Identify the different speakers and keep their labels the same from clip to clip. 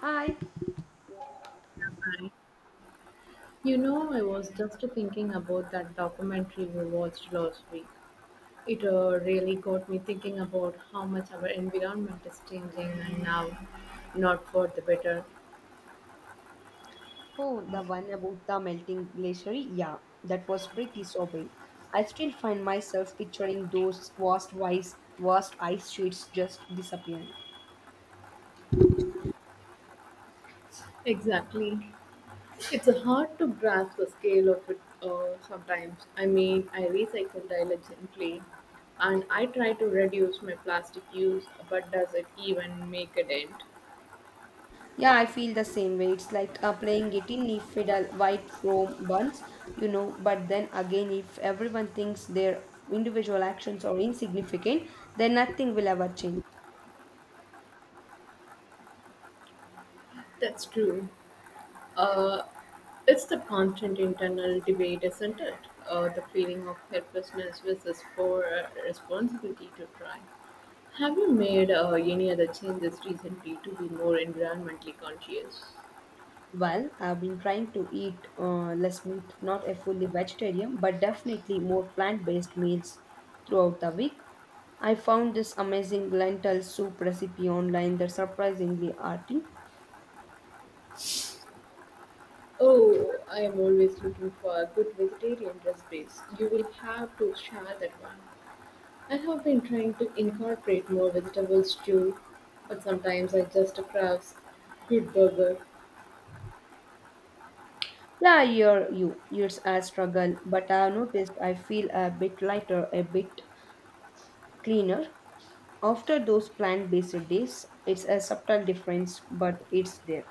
Speaker 1: Hi.
Speaker 2: You know, I was just thinking about that documentary we watched last week. It really got me thinking about how much our environment is changing and now not for the better.
Speaker 1: Oh, the one about the melting glacier. Yeah, that was pretty sobering. I still find myself picturing those vast ice sheets just disappearing.
Speaker 2: Exactly. It's hard to grasp the scale of it sometimes. I mean, I recycle diligently and I try to reduce my plastic use, but does it even make a dent?
Speaker 1: Yeah, I feel the same way. It's like playing it in fiddle, white foam buns, you know. But then again, if everyone thinks their individual actions are insignificant, then nothing will ever change.
Speaker 2: That's true. Uh, It's the constant internal debate, isn't it? The feeling of helplessness versus for responsibility to try. Have you made any other changes recently to be more environmentally conscious?
Speaker 1: Well, I've been trying to eat less meat, not a fully vegetarian, but definitely more plant based meals throughout the week. I found this amazing lentil soup recipe online that's surprisingly hearty.
Speaker 2: Oh, I am always looking for a good vegetarian recipes. You will have to share that one. I have been trying to incorporate more vegetables too, but sometimes I just crave good burger.
Speaker 1: Yeah, I hear you. It's a struggle, but I've noticed I feel a bit lighter, a bit cleaner. After those plant based days, it's a subtle difference, but it's there.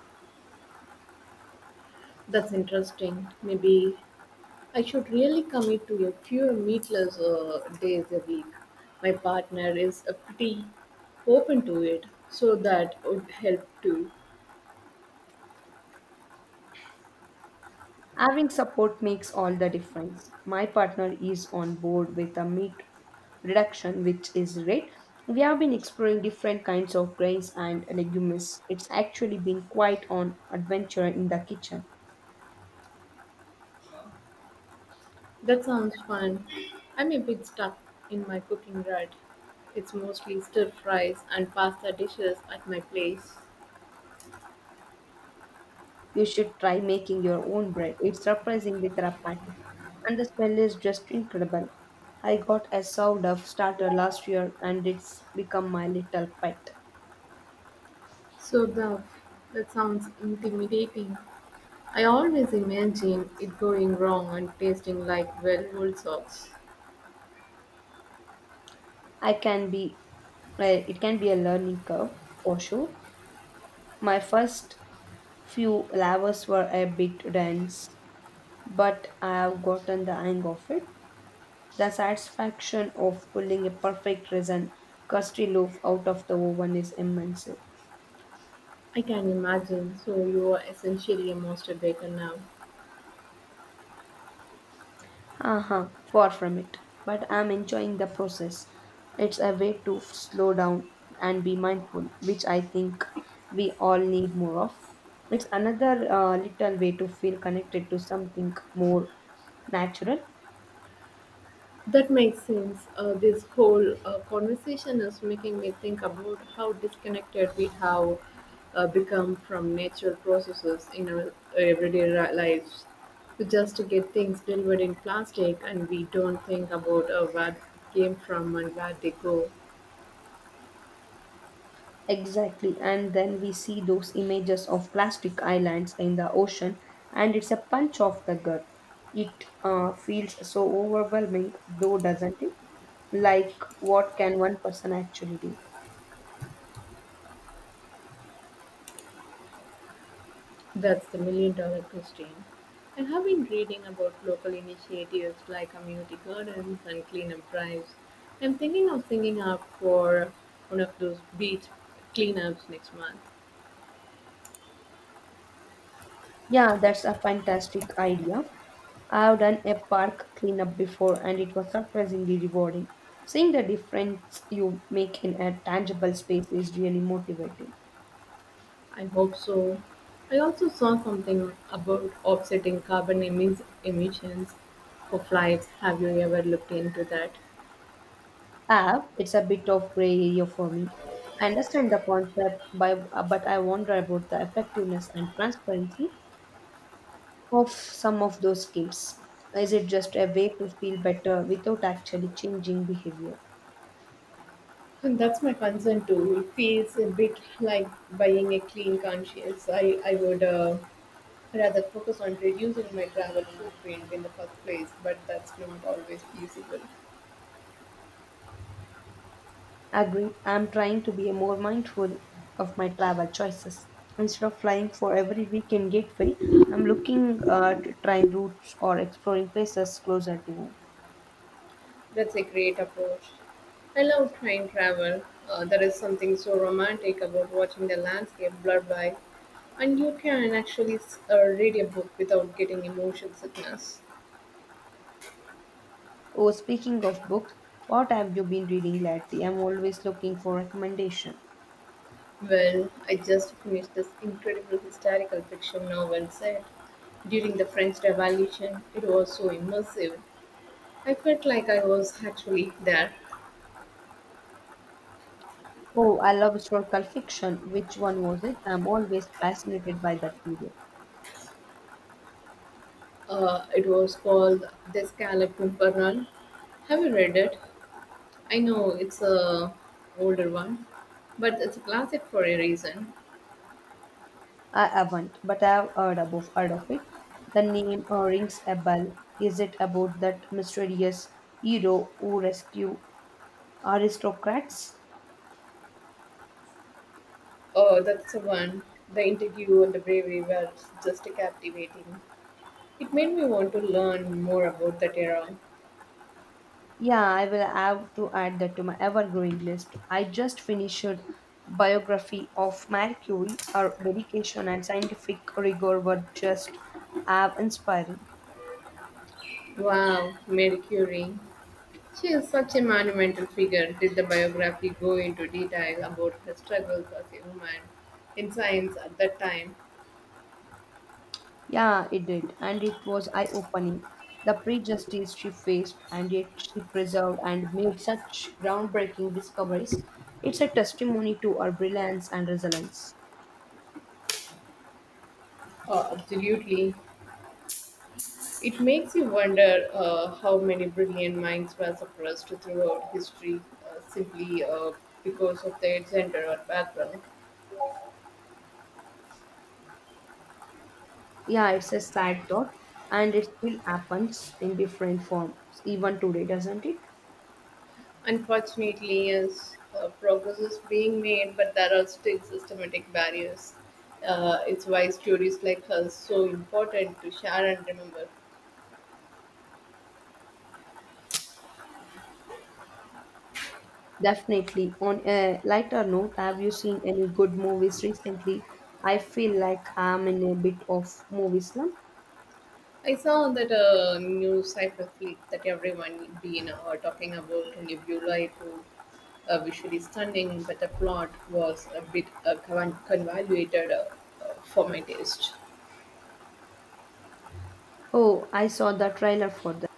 Speaker 2: That's interesting. Maybe I should really commit to a few meatless days a week. My partner is pretty open to it, so that would help too.
Speaker 1: Having support makes all the difference. My partner is on board with a meat reduction, which is great. We have been exploring different kinds of grains and legumes. It's actually been quite an adventure in the kitchen.
Speaker 2: That sounds fun. I'm a bit stuck in my cooking rut. It's mostly stir fries and pasta dishes at my place.
Speaker 1: You should try making your own bread. It's surprisingly therapeutic, and the smell is just incredible. I got a sourdough starter last year, and it's become my little pet.
Speaker 2: So the That sounds intimidating. I always imagine it going wrong and tasting like well-oiled sauce.
Speaker 1: I can be well, it can be a learning curve for sure. My first few lavas were a bit dense, but I have gotten the hang of it. The satisfaction of pulling a perfect resin crusty loaf out of the oven is immense.
Speaker 2: I can imagine. So you are essentially a master baker now.
Speaker 1: Haha, far from it. But I'm enjoying the process. It's a way to slow down and be mindful, which I think we all need more of. It's another little way to feel connected to something more natural.
Speaker 2: That makes sense. This whole conversation is making me think about how disconnected we have become from natural processes in our everyday lives. We just get things delivered in plastic and we don't think about where it came from and where they go.
Speaker 1: Exactly. And then we see those images of plastic islands in the ocean, and it's a punch of the gut. It feels so overwhelming, though, doesn't it? Like, what can one person actually do?
Speaker 2: That's the million dollar question. I have been reading about local initiatives like community gardens and cleanup drives. I'm thinking of signing up for one of those beach cleanups next month.
Speaker 1: Yeah, that's a fantastic idea. I've done a park cleanup before, and it was surprisingly rewarding. Seeing the difference you make in a tangible space is really motivating.
Speaker 2: I hope so. I also saw something about offsetting carbon emissions for flights. Have you ever looked into that?
Speaker 1: I It's a bit of gray area for me. I understand the concept, but I wonder about the effectiveness and transparency of some of those schemes. Is it just a way to feel better without actually changing behavior?
Speaker 2: And that's my concern too. It feels a bit like buying a clean conscience. I would. Rather focus on reducing my travel footprint in the first place, but that's not always feasible.
Speaker 1: Agreed. I'm trying to be more mindful of my travel choices. Instead of flying for every weekend gateway, I'm looking at trying routes or exploring places closer to home.
Speaker 2: That's a great approach. I love train travel. There is something so romantic about watching the landscape blurred by, and you can actually read a book without getting emotion sickness.
Speaker 1: Oh, speaking of books, what have you been reading lately? I'm always looking for recommendation.
Speaker 2: Well, I just finished this incredible historical fiction novel set during the French Revolution. It was so immersive. I felt like I was actually there.
Speaker 1: Oh, I love historical fiction. Which one was it? I'm always fascinated by that period.
Speaker 2: It was called The Scarlet Pimpernel. Have you read it? I know it's a older one, but it's a classic for a reason.
Speaker 1: I haven't, but I have heard of it. The name rings a bell. Is it about that mysterious hero who rescue aristocrats?
Speaker 2: Oh, that's the one. The interview and the bravery were just captivating. It made me want to learn more about that era.
Speaker 1: Yeah, I will have to add that to my ever growing list. I just finished biography of Marie Curie. Her dedication and scientific rigor were just have inspiring.
Speaker 2: Wow, Marie Curie. She is such a monumental figure. Did the biography go into detail about her struggles as a woman in science at that time?
Speaker 1: Yeah, it did, and it was eye opening. The prejudices she faced, and yet she preserved and made such groundbreaking discoveries. It's a testimony to her brilliance and resilience.
Speaker 2: Oh, absolutely. It makes you wonder how many brilliant minds were suppressed throughout history simply because of their gender or background.
Speaker 1: Yeah, it's a sad thought, and it still happens in different forms even today, doesn't it?
Speaker 2: Unfortunately, yes, progress is being made, but there are still systematic barriers. It's why stories like hers so important to share and remember.
Speaker 1: Definitely. On a lighter note, have you seen any good movies recently? I feel like I'm in a bit of movie slump.
Speaker 2: I saw that new cyber fleet that everyone been talking about in Nebula, who A visually stunning, but the plot was a bit convoluted for my taste.
Speaker 1: Oh, I saw the trailer for that.